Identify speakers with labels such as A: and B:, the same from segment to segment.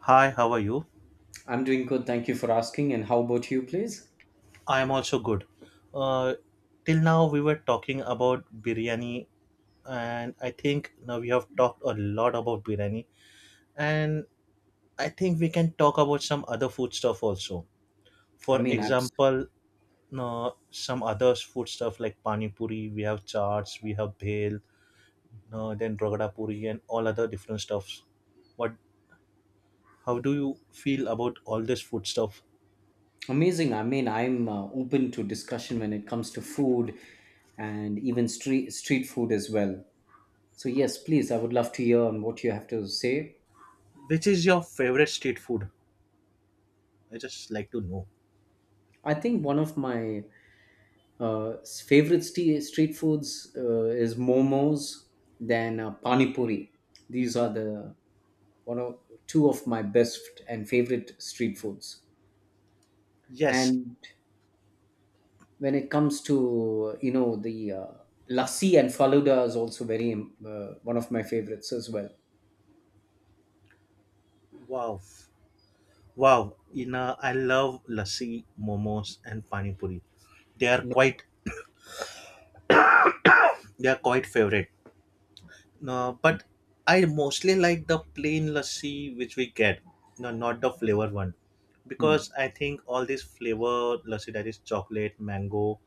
A: Hi, how are you?
B: I'm doing good. Thank you for asking. And how about you, please?
A: I am also good. Uh, Till now, we were talking about biryani, and I think now we have talked a lot about biryani, and I think we can talk about some other food stuff also.
B: I
A: For
B: mean, abs-
A: example, some other food stuff like pani puri, we have chaats, we have bhel, then ragda puri, and all other different stuffs. What? How do you feel about all this food stuff?
B: Amazing. I mean, I'm open to discussion when it comes to food and even street food as well. So yes, please. I would love to hear on what you have to say.
A: Which is your favorite street food? I just like to know.
B: I think one of my uh, favorite street foods is momos, then pani puri. These are the one of two of my best and favorite street foods.
A: Yes.
B: And when it comes to the lassi and faluda is also very one of my favorites as well.
A: Wow. Wow. You know, I love lassi, momos and pani puri. They are quite they are quite favorite. No, but I mostly like the plain lassi which we get. No, not the flavor one. Because I think all this flavor lassi that is chocolate, mango,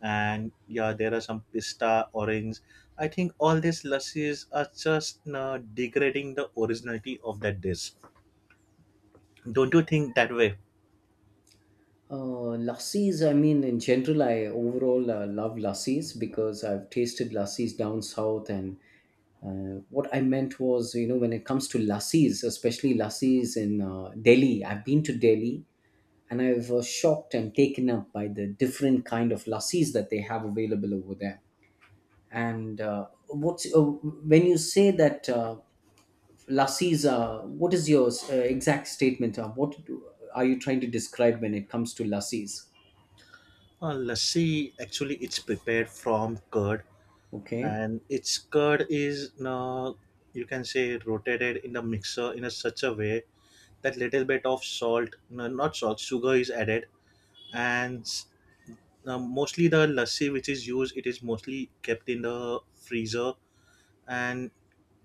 A: and yeah, there are some pista, orange. I think all these lassis are just degrading the originality of that dish. Don't you think that way?
B: Lassis, I mean, in general, I overall love lassis because I've tasted lassis down south. And what I meant was, you know, when it comes to lassis, especially lassis in Delhi, I've been to Delhi and I was shocked and taken up by the different kind of lassis that they have available over there. And what's when you say that lassies? What is your exact statement? Are you trying to describe when it comes to lassies?
A: Lassi actually it's prepared from curd,
B: Okay,
A: and its curd is you can say rotated in the mixer in a such a way that little bit of salt no, not salt sugar is added, and mostly the lassi which is used it is mostly kept in the freezer, and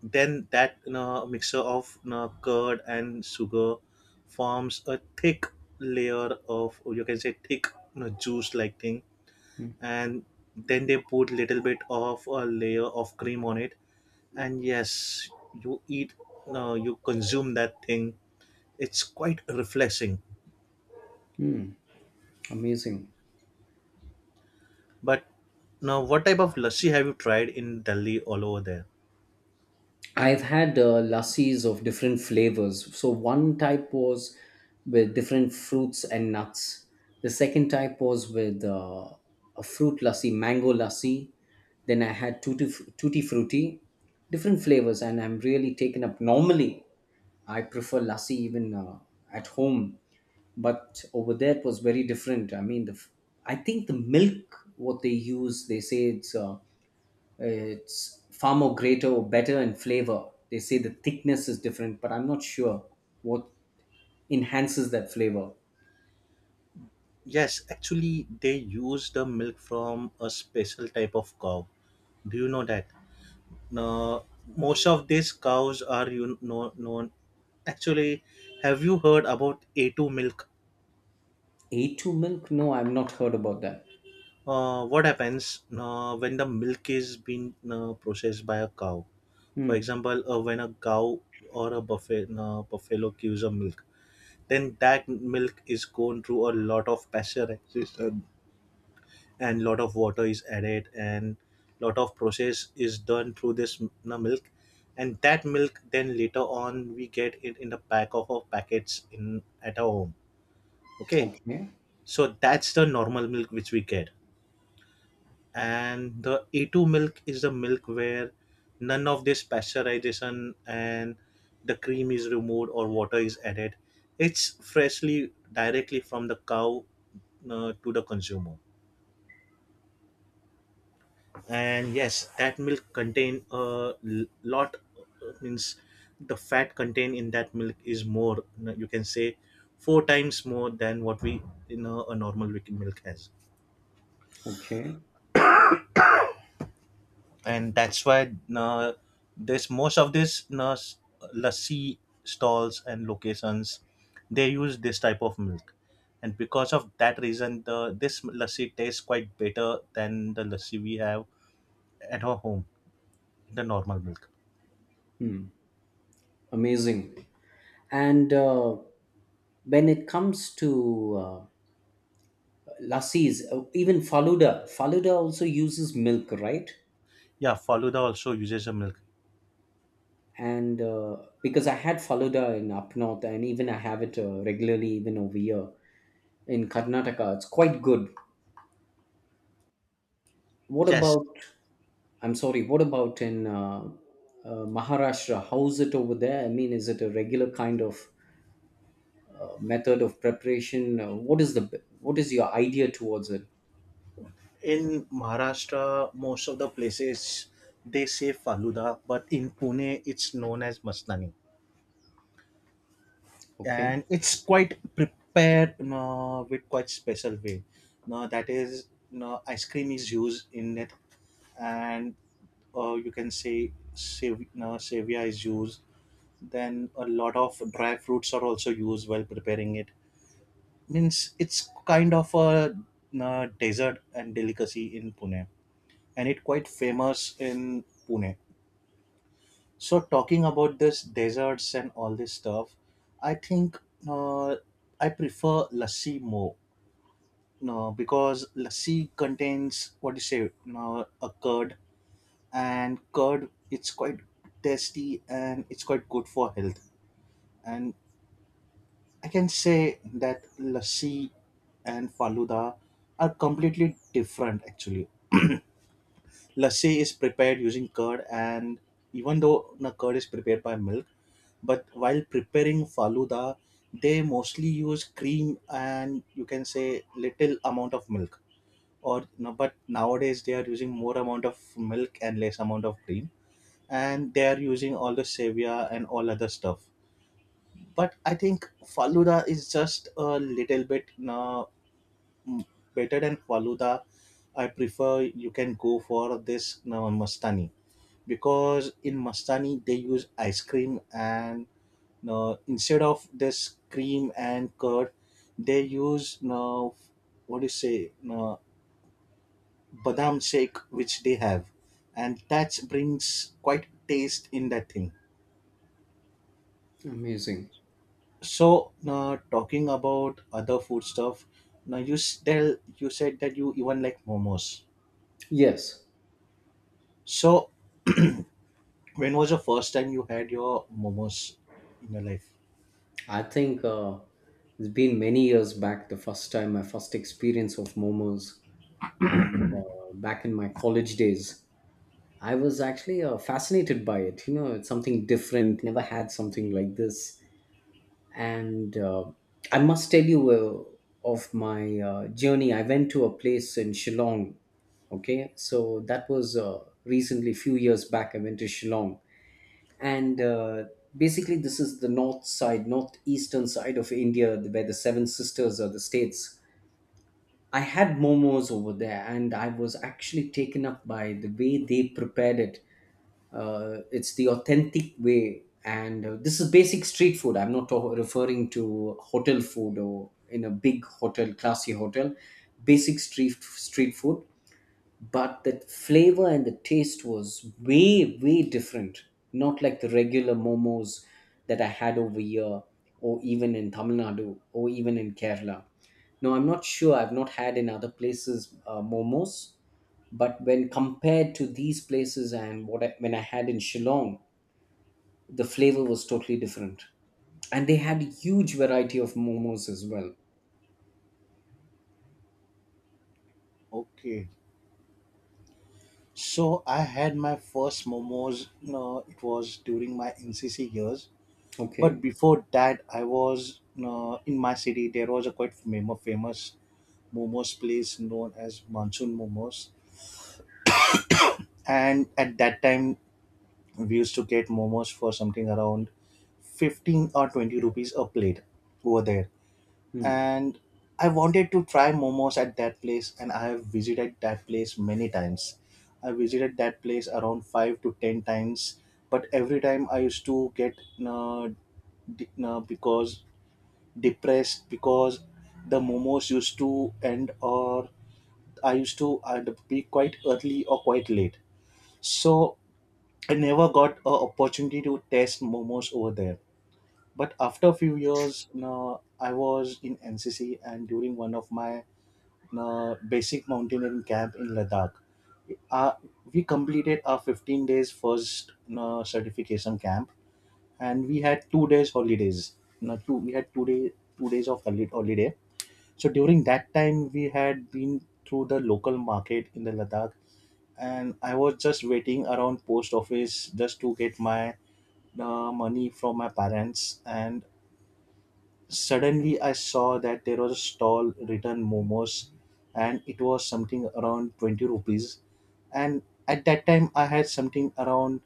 A: then that mixer of curd and sugar forms a thick layer of you can say thick juice like thing, and then they put little bit of a layer of cream on it, and yes you eat no you consume that thing, it's quite refreshing.
B: amazing.
A: But now what type of lassi have you tried in Delhi all over there?
B: I've had lassis of different flavors. So one type was with different fruits and nuts. The second type was with a fruit lassi, mango lassi. Then I had tutti frutti, different flavors, and I'm really taken up. Normally, I prefer lassi even at home, but over there it was very different. I think the milk what they use, they say it's far more greater or better in flavor. They say the thickness is different, but I'm not sure what enhances that flavor.
A: Yes, actually they use the milk from a special type of cow. Do you know that? Now most of these cows are you know known, actually, have you heard about a2 milk?
B: A2 milk? No, I've not heard about that.
A: What happens when the milk is being processed by a cow? For
B: Hmm.
A: example, when a cow or a buffalo gives a milk, then that milk is going through a lot of pasteurization, and lot of water is added, and lot of process is done through this milk, and that milk then later on we get it in the pack of our packets in at our home, okay.
B: Okay.
A: So that's the normal milk which we get, and the A2 milk is the milk where none of this pasteurization and the cream is removed or water is added. It's freshly directly from the cow to the consumer. And yes, that milk contain a lot, means the fat contained in that milk is more, you know, you can say four times more than what we, you know, a normal weak milk has.
B: Okay.
A: And that's why, this most of this lassi stalls and locations, they use this type of milk, and because of that reason the this lassi tastes quite better than the lassi we have at our home, the normal milk.
B: Hmm. Amazing. And when it comes to lassis, even Faluda, Faluda also uses milk, right?
A: Yeah, faluda also uses a milk.
B: And because I had followed her in up north, and even I have it regularly, even over here in Karnataka, it's quite good. What
A: Yes.
B: about? I'm sorry. What about in Maharashtra? How's it over there? I mean, is it a regular kind of method of preparation? What is your idea towards it?
A: In Maharashtra most of the places they say faluda, but in Pune it's known as masnani,
B: Okay,
A: and it's quite prepared, you know, with quite special way. Now that is, you know, ice cream is used in it, and you can say you know, savia is used, then a lot of dry fruits are also used while preparing it. Means it's kind of a, you know, dessert and delicacy in Pune, and it quite famous in Pune. So talking about this deserts and all this stuff, I think uh, I prefer lassi more. No, because lassi contains what do you say, no, a curd, and curd it's quite tasty and it's quite good for health. And I can say that lassi and faluda are completely different. Actually lassi is prepared using curd, and even though the curd is prepared by milk, but while preparing faluda they mostly use cream and you can say little amount of milk. Or no, but nowadays they are using more amount of milk and less amount of cream, and they are using all the stevia and all other stuff. But I think faluda is just a little bit no, m better than faluda. I prefer you can go for this no, mastani, because in Mastani they use ice cream and no instead of this cream and curd, they use no what do you say no badam shake which they have, and that brings quite taste in that thing.
B: amazing.
A: So no talking about other food stuff, now you tell you said that you even like momos.
B: Yes.
A: So when was the first time you had your momos in your life?
B: I think it's been many years back, the first time, my first experience of momos. And back in my college days, I was actually fascinated by it. You know, it's something different, never had something like this. And I must tell you of my journey. I went to a place in Shillong. Okay, so that was recently, few years back, I went to Shillong. And basically this is the northeastern side of India, where the seven sisters are the states. I had momos over there, and I was actually taken up by the way they prepared it. It's the authentic way, and this is basic street food. I'm not to- referring to hotel food or in a big hotel, classy hotel, basic street food. But the flavor and the taste was way different, not like the regular momos that I had over here or even in Tamil Nadu or even in Kerala. No, I'm not sure, I've not had in other places momos, but when compared to these places and when I had in Shillong, the flavor was totally different, and they had a huge variety of momos as well.
A: Okay. So I had my first momos. No, it was during my NCC years. But
B: Okay.
A: before that, I was no, in my city. There was a quite famous momos place known as Monsoon Momos, and at that time, we used to get momos for something around 15 or 20 rupees a plate over there.
B: Hmm.
A: And I wanted to try momos at that place, and I have visited that place many times. I visited that place around five to ten times, but every time I used to get uh, de- because depressed because the momos used to end, or I used to be quite early or quite late. So I never got a opportunity to test momos over there. But after a few years, I was in NCC, and during one of my basic mountaineering camp in Ladakh. Uh, we completed our 15 days first certification camp, and we had 2 days holidays. Now, two we had two day 2 days of holiday. So during that time, we had been through the local market in the Ladakh, and I was just waiting around post office just to get my money from my parents, and suddenly, I saw that there was a stall written momos, and it was something around 20 rupees. And at that time, I had something around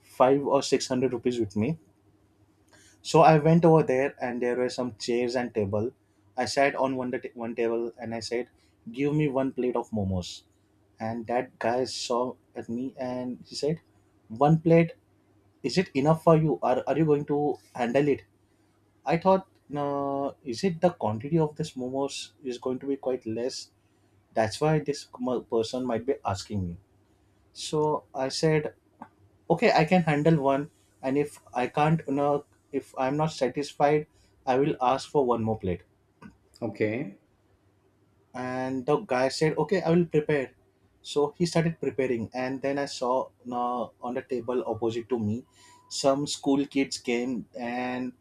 A: five or six hundred rupees with me. So I went over there, and there were some chairs and table. I sat on one table and I said, give me one plate of momos. And that guy saw at me and he said, one plate, is it enough for you? Are you going to handle it? I thought, is it the quantity of this momos is going to be quite less? That's why this person might be asking me. So I said, okay, I can handle one, and if I can't, you know, if I'm not satisfied, I will ask for one more plate.
B: Okay.
A: And the guy said okay I will prepare. So he started preparing, and then I saw on the table opposite to me some school kids came, and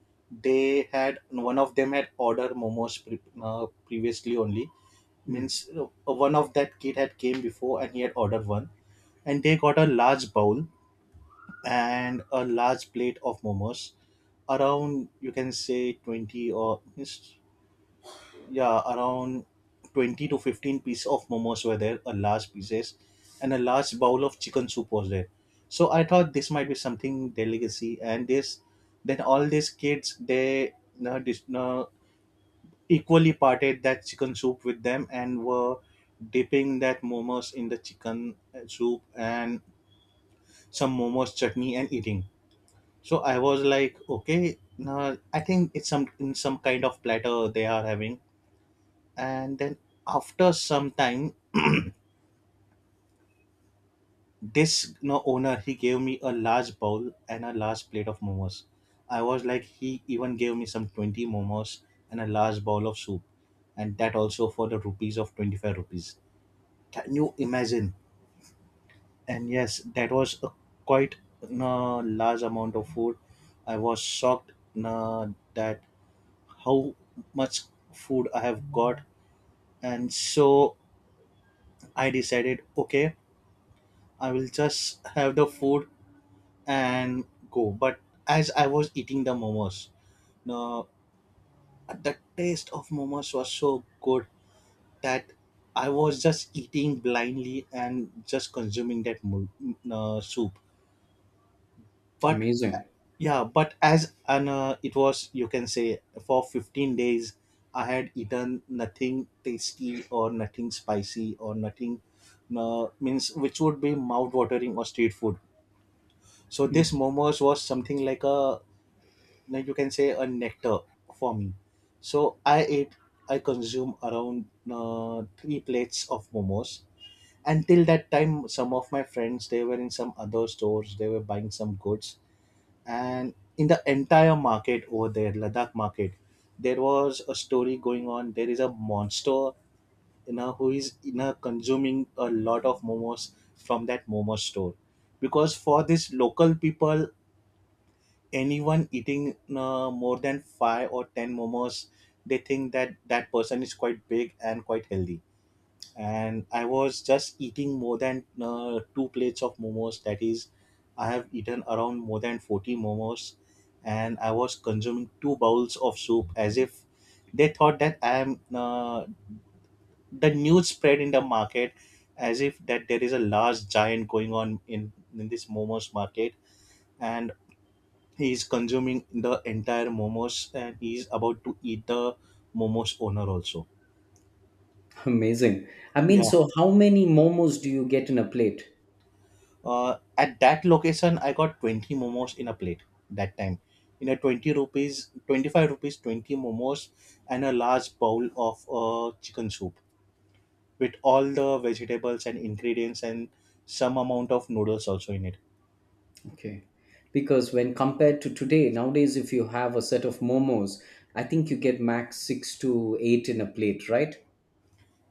A: they had one of them had ordered momos previously only.
B: Hmm.
A: Means one of that kid had came before and he had ordered one, and they got a large bowl and a large plate of momos, around you can say 20 or yeah, around 20 to 15 pieces of momos were there, a large pieces, and a large bowl of chicken soup was there. So I thought this might be something delicacy, and this then all these kids they uh, dis- uh, equally parted that chicken soup with them, and were dipping that momos in the chicken soup and some momos chutney and eating. So I was like, okay, I think it's some in some kind of platter they are having, and then after some time this you know, owner he gave me a large bowl and a large plate of momos. I was like he even gave me some 20 momos and a large bowl of soup, and that also for the rupees of 25 rupees, can you imagine? And yes that was a quite, you know, large amount of food. I was shocked, you know, that how much food I have got, and so I decided okay I will just have the food and go. But as I was eating the momos, no, the taste of momos was so good that I was just eating blindly and just consuming that soup. But
B: Amazing.
A: yeah, but as an it was, you can say for 15 days, I had eaten nothing tasty or nothing spicy or nothing means which would be mouth watering or street food. So
B: Hmm.
A: this momos was something like a like you can say a nectar for me. So I consume around three plates of momos. Until that time, some of my friends, they were in some other stores, they were buying some goods. And in the entire market over there, Ladakh market, there was a story going on. There is a monster who is consuming a lot of momos from that momo store, because for these local people, anyone eating more than five or 10 momos, they think that that person is quite big and quite healthy. And I was just eating more than two plates of momos. That is, I have eaten around more than 40 momos, and I was consuming two bowls of soup, as if they thought that I am, the news spread in the market as if that there is a large giant going on in this momos market, and he is consuming the entire momos and he is about to eat the momos owner also.
B: Amazing. I mean,
A: Yeah.
B: so how many momos do you get in a plate?
A: At that location, I got 20 momos in a plate that time. In a 20 rupees, 25 rupees, 20 momos and a large bowl of chicken soup with all the vegetables and ingredients and some amount of noodles also in it.
B: Okay. Because when compared to today, nowadays, if you have a set of momos, I think you get max six to eight in a plate, right?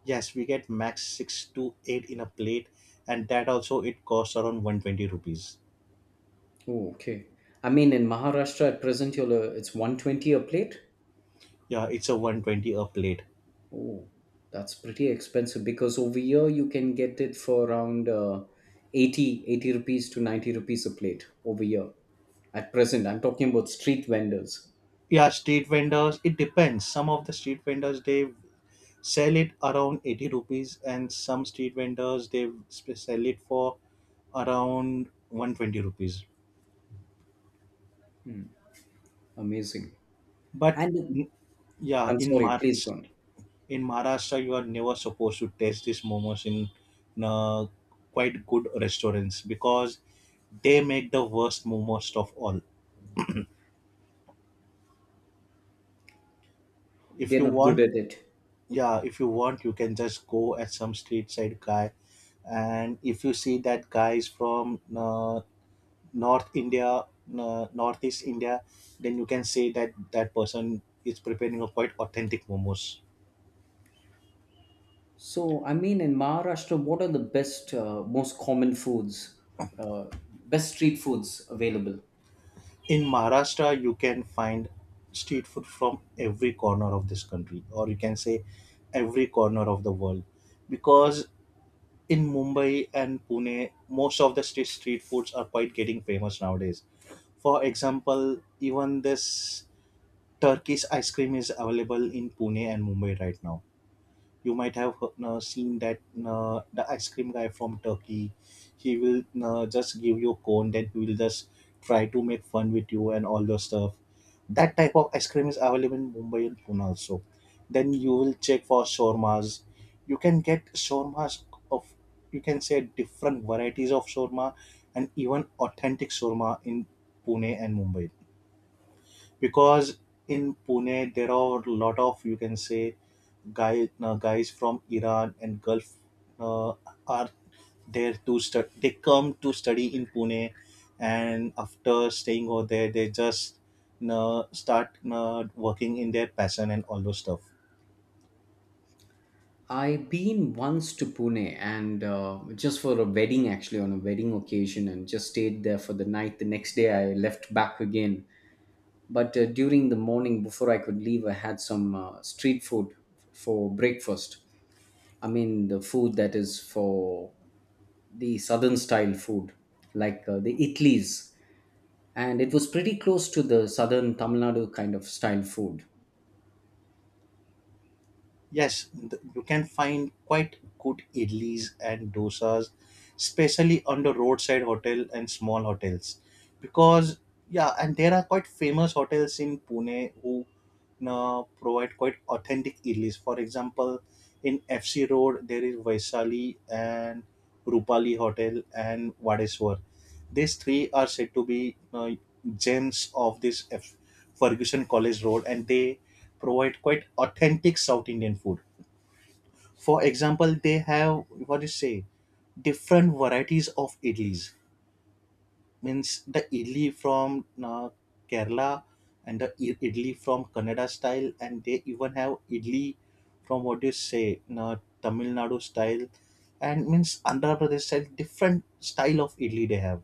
A: Yes, we get max 6 to 8 in a plate, and that also it costs around 120 rupees.
B: Oh, okay. I mean, in Maharashtra at present, it's 120 a plate.
A: Yeah, it's a 120 a plate.
B: Oh, that's pretty expensive because over here you can get it for around 80, eighty rupees to 90 rupees a plate over here at present. I'm talking about street vendors.
A: Yeah, street vendors, it depends. Some of the street vendors they sell it around 80 rupees, and some street vendors they sell it for around 120 rupees,
B: Hmm, amazing.
A: but
B: And
A: n- yeah,
B: I'm
A: in
B: sorry, please
A: march,
B: don't.
A: in Maharashtra you are never supposed to taste these momos in quite good restaurants, because they make the worst momos of all. If
B: They're
A: you
B: not good
A: want,
B: at it.
A: yeah, if you want, you can just go at some street side guy, and if you see that guy is from north India, northeast India, then you can say that that person is preparing a quite authentic momos.
B: So, I mean, in Maharashtra, what are the best, most common foods, uh, best street foods available?
A: In Maharashtra you can find street food from every corner of this country, or you can say every corner of the world, because in Mumbai and Pune, most of the street foods are quite getting famous nowadays. For example, even this Turkish ice cream is available in Pune and Mumbai right now. You might have seen that the ice cream guy from Turkey, he will just give you a cone, then he will just try to make fun with you and all those stuff. That type of ice cream is available in Mumbai and Pune also. Then you will check for shawarmas. You can get shawarmas of, you can say, different varieties of shawarma and even authentic shawarma in Pune and Mumbai, because in Pune there are a lot of, you can say, guys from Iran and Gulf uh, are there to study. They come to study in Pune, and after staying over there, they just start working in their passion and all those stuff.
B: I've been once to Pune and just for a wedding, actually, on a wedding occasion, and just stayed there for the night. The next day, I left back again. But during the morning, before I could leave, I had some street food for breakfast. I mean, the food that is for the southern style food, like the idlis, and it was pretty close to the southern Tamil Nadu kind of style food.
A: Yes, you can find quite good idlis and dosas, especially on the roadside hotel and small hotels. Because, yeah, and there are quite famous hotels in Pune who provide quite authentic idlis. For example, in FC Road, there is Vaisali and Rupali Hotel and Vadeswar. These three are said to be gems of this Ferguson College Road, and they provide quite authentic South Indian food. For example, they have, what do you say, different varieties of idlis. Means the idli from Kerala and the idli from Kannada style, and they even have idli from, what do you say, Tamil Nadu style, and means Andhra Pradesh style. Different style of idli they have.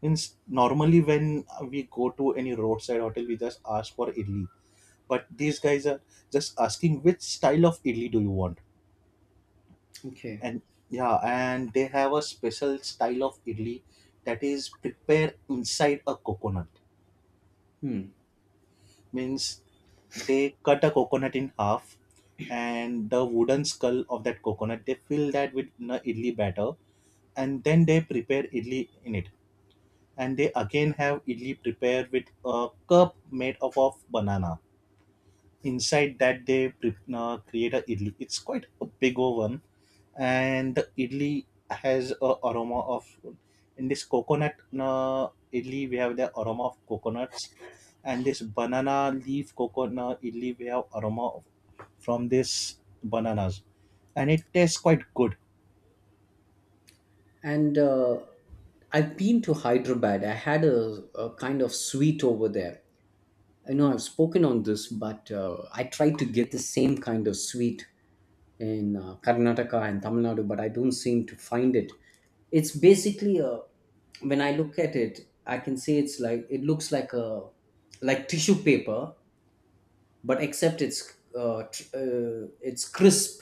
A: Means normally when we go to any roadside hotel we just ask for idli, but these guys are just asking which style of idli do you want.
B: Okay.
A: And yeah, and they have a special style of idli that is prepared inside a coconut.
B: Hmm.
A: Means they cut a coconut in half, and the wooden skull of that coconut they fill that with the idli batter, and then they prepare idli in it. And they again have idli prepared with a cup made up of banana. Inside that they create a idli. It's quite a big oven, and the idli has a aroma of, in this coconut idli we have the aroma of coconuts, and this banana leaf coconut idli we have aroma of, from this bananas, and it tastes quite good.
B: And I've been to Hyderabad. I had a kind of sweet over there. I know I've spoken on this, but I tried to get the same kind of sweet in Karnataka and Tamil Nadu, but I don't seem to find it. It's basically a, when I look at it, I can say it's like it looks like a, like tissue paper, but except it's crisp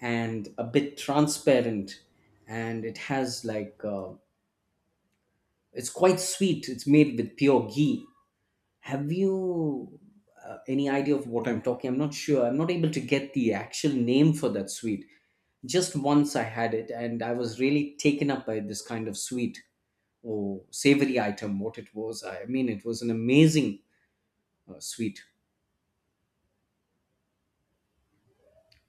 B: and a bit transparent, and it has like it's quite sweet, it's made with pure ghee. Have you any idea of what I'm talking? I'm not sure, I'm not able to get the actual name for that sweet. Just once I had it, and I was really taken up by this kind of sweet or savory item, what it was. I mean, it was an amazing sweet.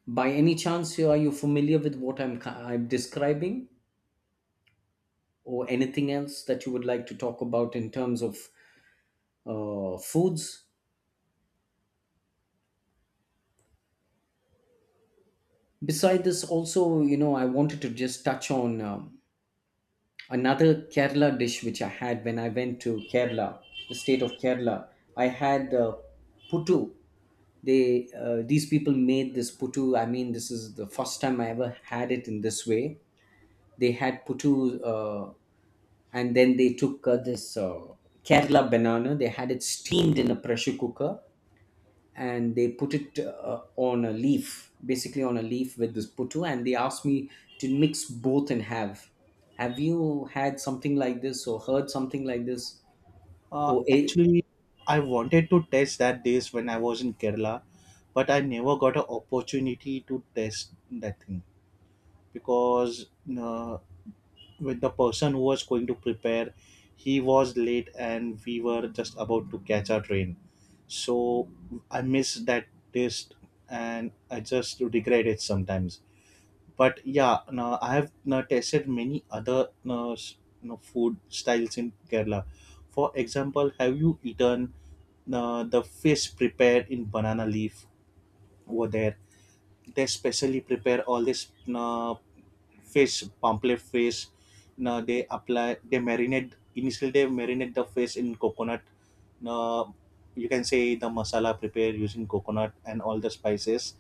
B: By any chance, are you familiar with what I'm describing, or anything else that you would like to talk about in terms of foods? Beside this, also, you know, I wanted to just touch on another Kerala dish which I had when I went to Kerala, the state of Kerala. I had puttu. They these people made this puttu. I mean, this is the first time I ever had it in this way. They had puttu. And then they took this Kerala banana. They had it steamed in a pressure cooker, and they put it on a leaf, basically on a leaf with this puttu. And they asked me to mix both and have. Have you had something like this or heard something like this? Or a-
A: Actually, I wanted to taste that dish when I was in Kerala, but I never got an opportunity to taste that thing, because uh, with the person who was going to prepare, he was late and we were just about to catch our train, so I miss that taste and I just regret it sometimes. But yeah, no, I have, no, tasted many other, no, no, food styles in Kerala. For example, have you eaten, no, the fish prepared in banana leaf over there. They specially prepare all this, no, fish, pamphlet fish. Now they apply, they marinate. Initially, they marinate the fish in coconut. Now you can say the masala prepared using coconut and all the spices,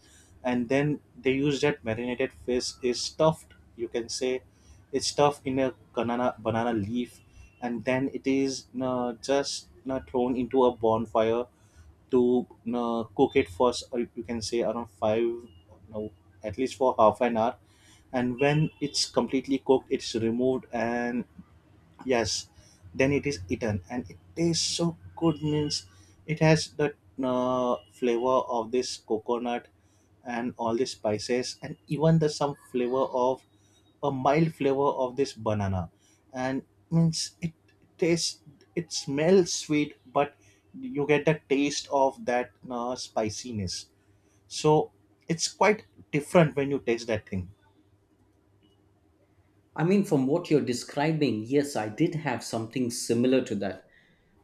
A: and then they use that marinated fish is stuffed. You can say it's stuffed in a banana leaf, and then it is just thrown into a bonfire to cook it for or you can say around five, no, at least for half an hour. And when it's completely cooked it's removed, and yes, then it is eaten, and it tastes so good. Means it has the flavor of this coconut and all the spices, and even the some flavor of, a mild flavor of this banana, and means it tastes, it smells sweet, but you get the taste of that spiciness, so it's quite different when you taste that thing.
B: I mean, from what you're describing, yes, I did have something similar to that.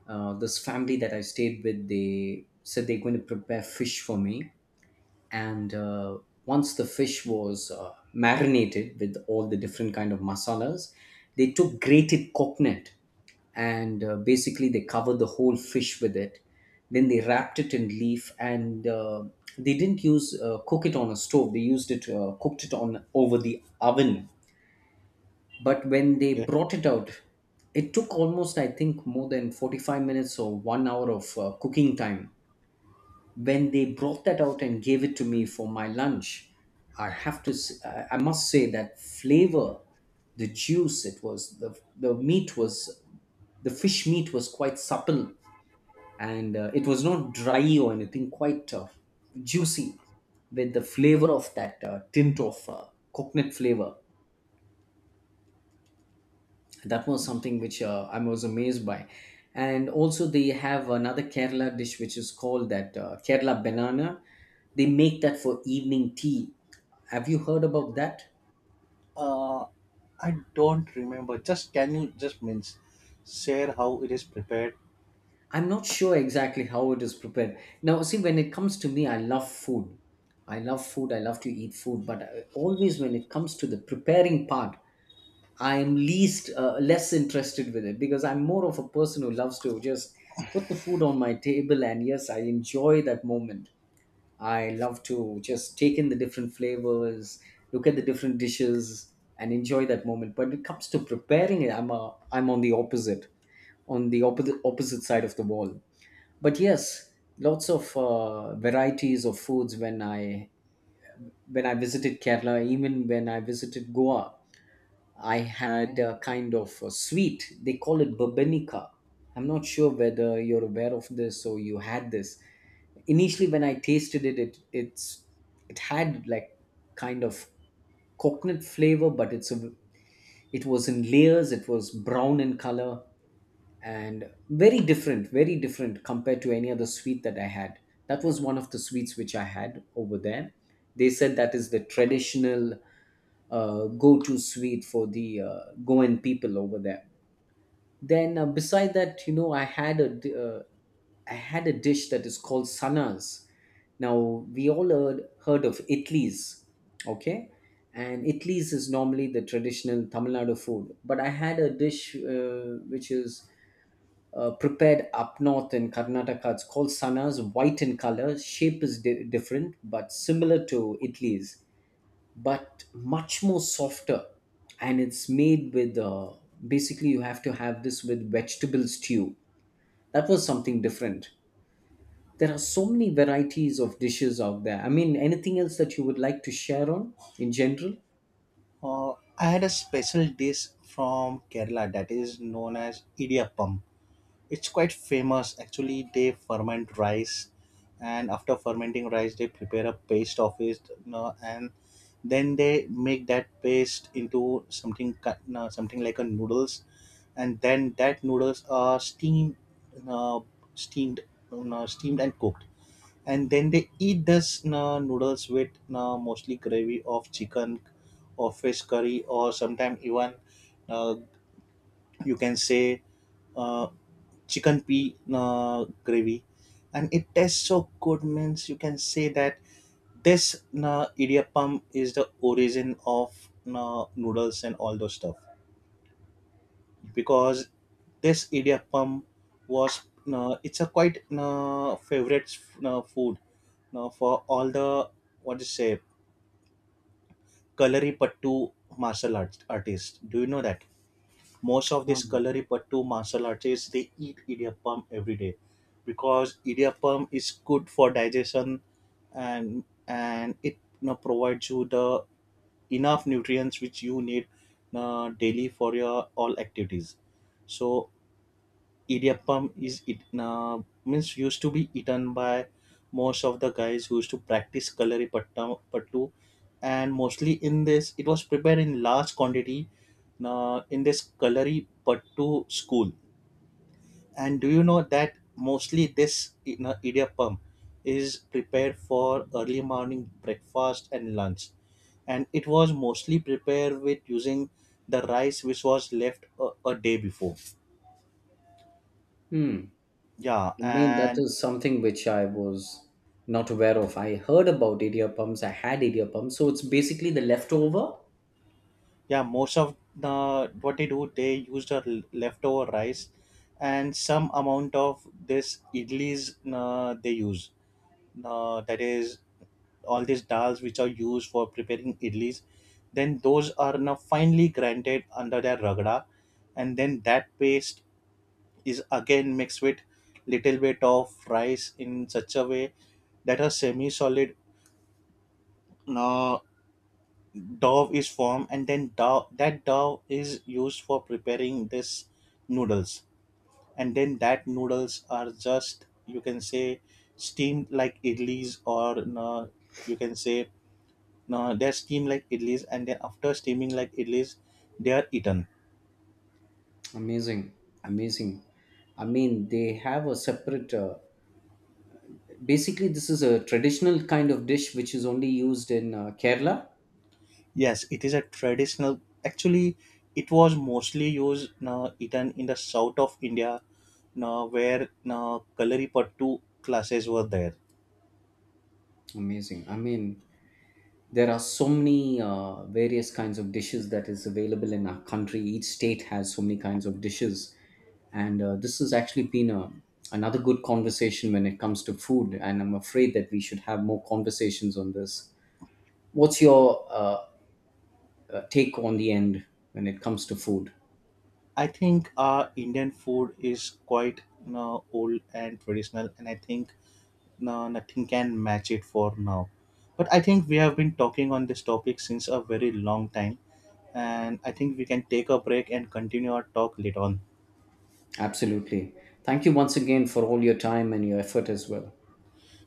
B: This family that I stayed with, they said they're going to prepare fish for me. And once the fish was marinated with all the different kind of masalas, they took grated coconut, and basically they covered the whole fish with it. Then they wrapped it in leaf, and they didn't use cook it on a stove. They used it cooked it on over the oven. But when they
A: Yeah.
B: brought it out, it took almost, I think, more than 45 minutes or one hour of cooking time. When they brought that out and gave it to me for my lunch, I have to I must say that flavor, the juice, it was the meat was, the fish meat was quite supple, and it was not dry or anything, quite juicy, with the flavor of that tint of coconut flavor. That was something which I was amazed by. And also they have another Kerala dish which is called that Kerala banana. They make that for evening tea. Have you heard about that?
A: Uh, I don't remember. Just, can you just, means, share how it is prepared?
B: I'm not sure exactly how it is prepared. Now, see, when it comes to me, I love food. I love to eat food, but always when it comes to the preparing part, I'm least, less interested with it because I'm more of a person who loves to just put the food on my table and yes, I enjoy that moment. I love to just take in the different flavors, look at the different dishes, and enjoy that moment. But when it comes to preparing it, I'm on the opposite, on the opposite side of the wall. But yes, lots of varieties of foods when I visited Kerala, even when I visited Goa. I had a kind of a sweet. They call it babenica. I'm not sure whether you're aware of this or you had this. Initially, when I tasted it, it's, it had like kind of coconut flavor, but it was in layers. It was brown in color, and very different, compared to any other sweet that I had. That was one of the sweets which I had over there. They said that is the traditional go-to sweet for the Goan people over there. Then beside that, you know, I had a dish that is called sanas. Now, we all heard of idlis, okay, and idlis is normally the traditional Tamil Nadu food. But I had a dish which is prepared up north in Karnataka. It's called sanas, white in color, shape is different but similar to idlis, but much more softer. And it's made with basically you have to have this with vegetable stew. That was something different. There are so many varieties of dishes out there. I mean, anything else that you would like to share on, in general?
A: Uh, I had a special dish from Kerala that is known as idiyappam. It's quite famous. Actually, they ferment rice, and after fermenting rice, they prepare a paste of it, and then they make that paste into something something like a noodles, and then that noodles are steamed, you know, steamed, steamed and cooked, and then they eat this noodles with mostly gravy of chicken or fish curry, or sometimes even uh, you can say uh, chicken pea gravy, and it tastes so good. Means you can say that this idiyappam is the origin of noodles and all those stuff, because this idiyappam was it's a quite favorite food for all the, what to say, Kalaripattu martial arts artists. Do you know that most of these
B: Um,
A: Kalaripattu martial artists, they eat idiyappam every day, because idiyappam is good for digestion, and it provides you the enough nutrients which you need daily for your all activities. So Idiyappam is it means used to be eaten by most of the guys who used to practice kalari patta pattu, and mostly in this it was prepared in large quantity in this kalari pattu school. And do you know that mostly this, idiyappam is prepared for early morning breakfast and lunch, and it was mostly prepared with using the rice which was left a day before.
B: hmm.
A: Yeah,
B: I mean, that
A: and
B: is something which I was not aware of. I heard about idiyappams, I had idiyappams. So it's basically the leftover.
A: yeah, most of the, what they do, they use the leftover rice, and some amount of this idlis they use, that is all these dals which are used for preparing idlis, then those are now finely grinded under their ragda, and then that paste is again mixed with little bit of rice in such a way that a semi solid dough is formed, and then, that dough is used for preparing this noodles, and then that noodles are just, you can say, steamed like idlis, or no, you can say, no, they're steamed like idlis, and then after steaming like idlis they are eaten.
B: Amazing. Amazing. I mean, they have a separate basically, this is a traditional kind of dish which is only used in Kerala.
A: Yes, it is a traditional actually. It was mostly used, no, eaten in the south of India, no, where, no, kalari pattu classes were there.
B: Amazing. I mean, there are so many various kinds of dishes that is available in our country. Each state has so many kinds of dishes, and this has actually been a, another good conversation when it comes to food. And I'm afraid that we should have more conversations on this. What's your take on the end when it comes to food?
A: I think Indian food is quite old and traditional, and I think nothing can match it for now. But I think we have been talking on this topic since a very long time, and I think we can take a break and continue our talk later on.
B: Absolutely. Thank you once again for all your time and your effort as well.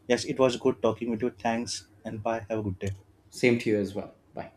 A: Yes, it was good talking with you. Thanks, and bye. Have a good day.
B: Same to you as well. Bye.